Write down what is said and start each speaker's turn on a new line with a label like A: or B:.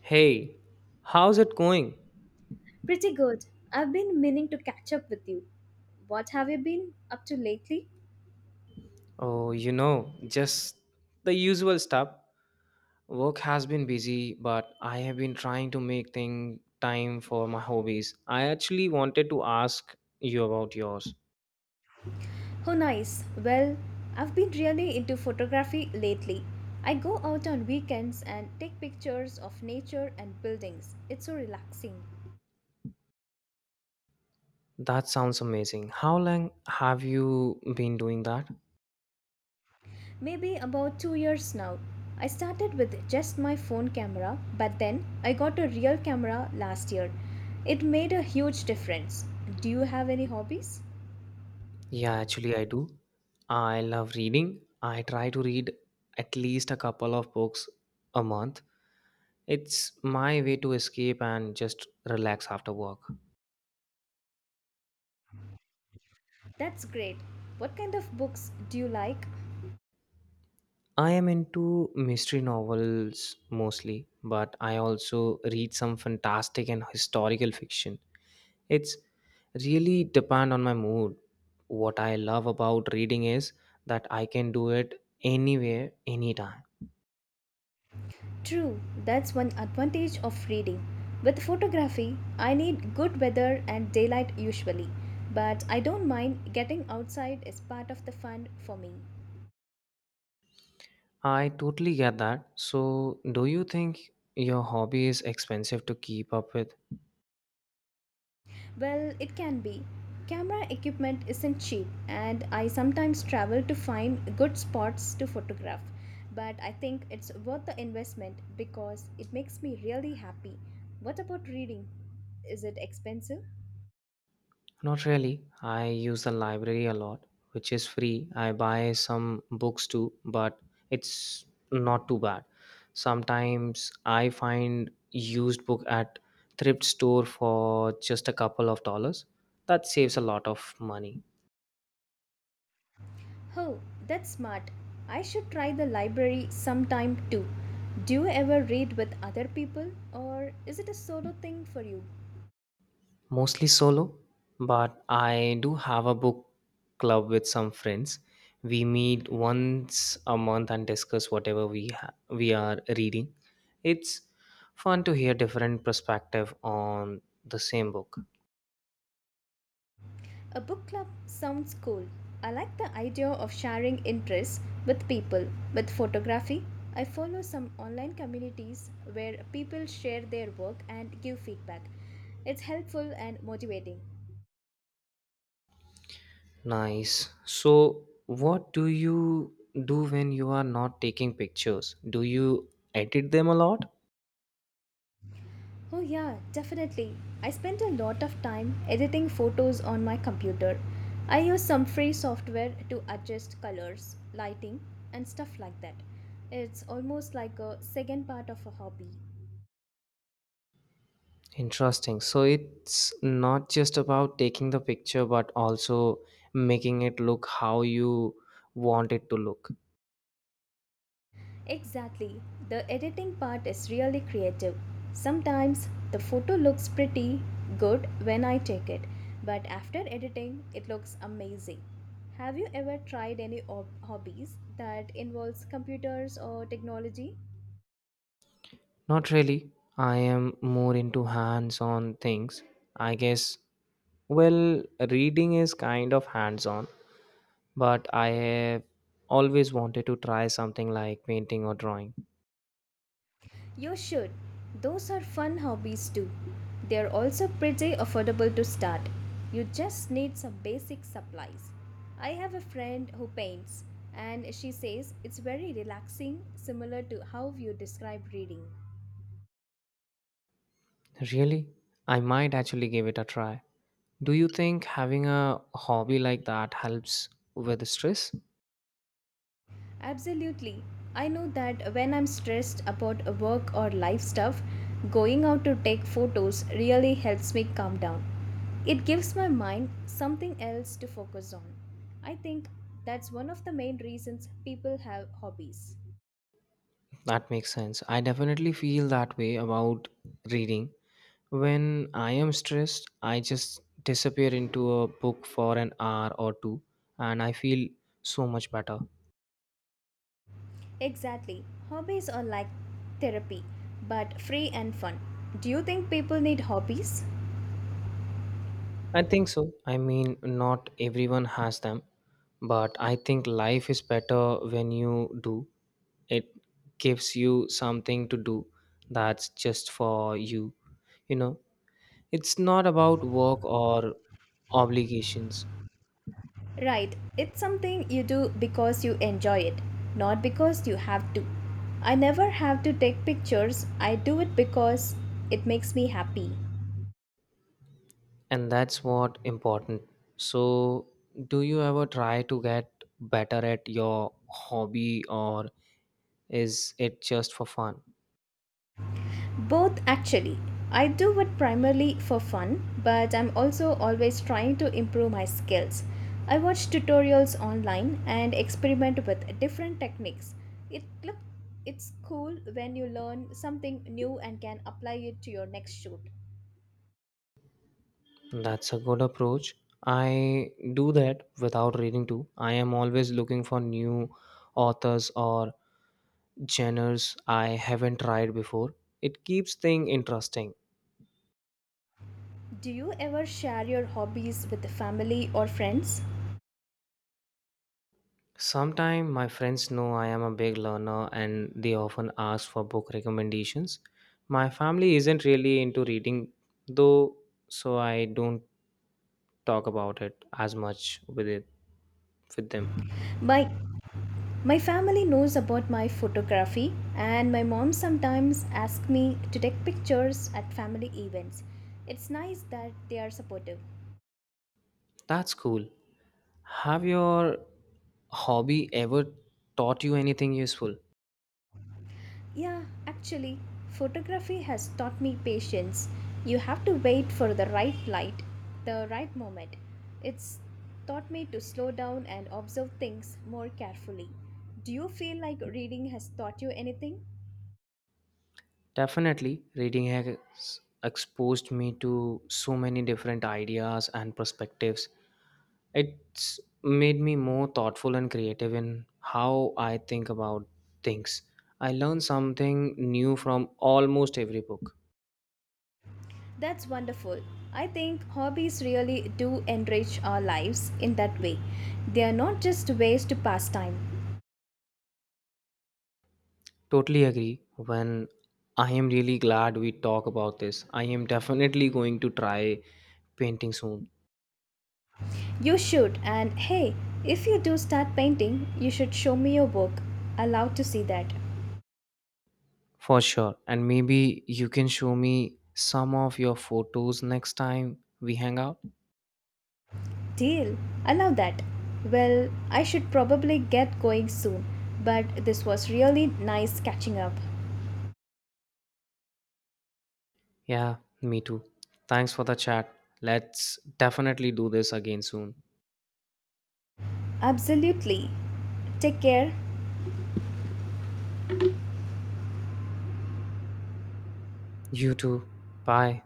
A: Hey, how's it going?
B: Pretty good. I've been meaning to catch up with you. What have you been up to lately?
A: Oh, you know, just the usual stuff. Work has been busy, but I have been trying to make thing time for my hobbies. I actually wanted to ask you about yours.
B: Oh, nice. Well, I've been really into photography lately. I go out on weekends and take pictures of nature and buildings. It's so relaxing.
A: That sounds amazing. How long have you been doing that?
B: Maybe about 2 years now. I started with just my phone camera, but then I got a real camera last year. It made a huge difference. Do you have any hobbies?
A: Yeah, actually I do. I love reading. I try to read at least a couple of books a month. It's my way to escape and just relax after work.
B: That's great. What kind of books do you like?
A: I am into mystery novels mostly, but I also read some fantastic and historical fiction. It's really depend on my mood. What I love about reading is that I can do it anywhere, anytime.
B: True, that's one advantage of reading. With photography, I need good weather and daylight usually, but I don't mind, getting outside is part of the fun for me.
A: I totally get that. So, do you think your hobby is expensive to keep up with?
B: Well, it can be. Camera equipment isn't cheap, and I sometimes travel to find good spots to photograph. But I think it's worth the investment because it makes me really happy. What about reading? Is it expensive?
A: Not really. I use the library a lot, which is free. I buy some books too, but it's not too bad. Sometimes I find used book at thrift store for just a couple of dollars. That saves a lot of money.
B: Oh, that's smart. I should try the library sometime too. Do you ever read with other people, or is it a solo thing for you?
A: Mostly solo, but I do have a book club with some friends. We meet once a month and discuss whatever we are reading. It's fun to hear different perspective on the same book.
B: A book club sounds cool. I like the idea of sharing interests with people. With photography, I follow some online communities where people share their work and give feedback. It's helpful and motivating.
A: Nice. So, what do you do when you are not taking pictures? Do you edit them a lot?
B: Oh, yeah, definitely. I spent a lot of time editing photos on my computer. I use some free software to adjust colors, lighting, and stuff like that. It's almost like a second part of a hobby.
A: Interesting. So it's not just about taking the picture, but also making it look how you want it to look.
B: Exactly. The editing part is really creative. Sometimes the photo looks pretty good when I take it, but after editing, it looks amazing. Have you ever tried any hobbies that involves computers or technology?
A: Not really. I am more into hands on things. I guess, well, reading is kind of hands on, but I have always wanted to try something like painting or drawing.
B: You should. Those are fun hobbies too. They're also pretty affordable to start. You just need some basic supplies. I have a friend who paints, and she says it's very relaxing, similar to how you describe reading.
A: Really? I might actually give it a try. Do you think having a hobby like that helps with stress?
B: Absolutely. I know that when I'm stressed about work or life stuff, going out to take photos really helps me calm down. It gives my mind something else to focus on. I think that's one of the main reasons people have hobbies.
A: That makes sense. I definitely feel that way about reading. When I am stressed, I just disappear into a book for an hour or two and I feel so much better.
B: Exactly. Hobbies are like therapy, but free and fun. Do you think people need hobbies?
A: I think so. I mean, not everyone has them, but I think life is better when you do. It gives you something to do that's just for you. You know, it's not about work or obligations,
B: Right, it's something you do because you enjoy it, not because you have to. I never have to take pictures, I do it because it makes me happy.
A: and that's what important. So, do you ever try to get better at your hobby, or is it just for fun?
B: Both actually. I do it primarily for fun, but I'm also always trying to improve my skills. I watch tutorials online and experiment with different techniques. It look it's cool when you learn something new and can apply it to your next shoot.
A: That's a good approach. I do that without reading too. I am always looking for new authors or genres I haven't tried before. It keeps things interesting.
B: Do you ever share your hobbies with the family or friends?
A: Sometimes my friends know I am a big learner and they often ask for book recommendations. My family isn't really into reading though, so I don't talk about it as much with them.
B: My my family knows about my photography and my mom sometimes asks me to take pictures at family events. It's nice that they are supportive.
A: That's cool. Have your hobby ever taught you anything useful?
B: Yeah, actually, photography has taught me patience. You have to wait for the right light, the right moment. It's taught me to slow down and observe things more carefully. Do you feel like reading has taught you anything?
A: Definitely, reading has exposed me to so many different ideas and perspectives. It's made me more thoughtful and creative in how I think about things. I learn something new from almost every book.
B: That's wonderful. I think hobbies really do enrich our lives in that way. They are not just ways to pass time.
A: Totally agree. When I am really glad we talk about this, I am definitely going to try painting soon,
B: You should, and hey, if you do start painting, you should show me your work. Allowed to see that.
A: for sure. And maybe you can show me some of your photos next time we hang out.
B: Deal. Allow that. Well, I should probably get going soon, but this was really nice catching up.
A: Yeah, me too. Thanks for the chat. Let's definitely do this again soon.
B: Absolutely. Take care.
A: You too. Bye.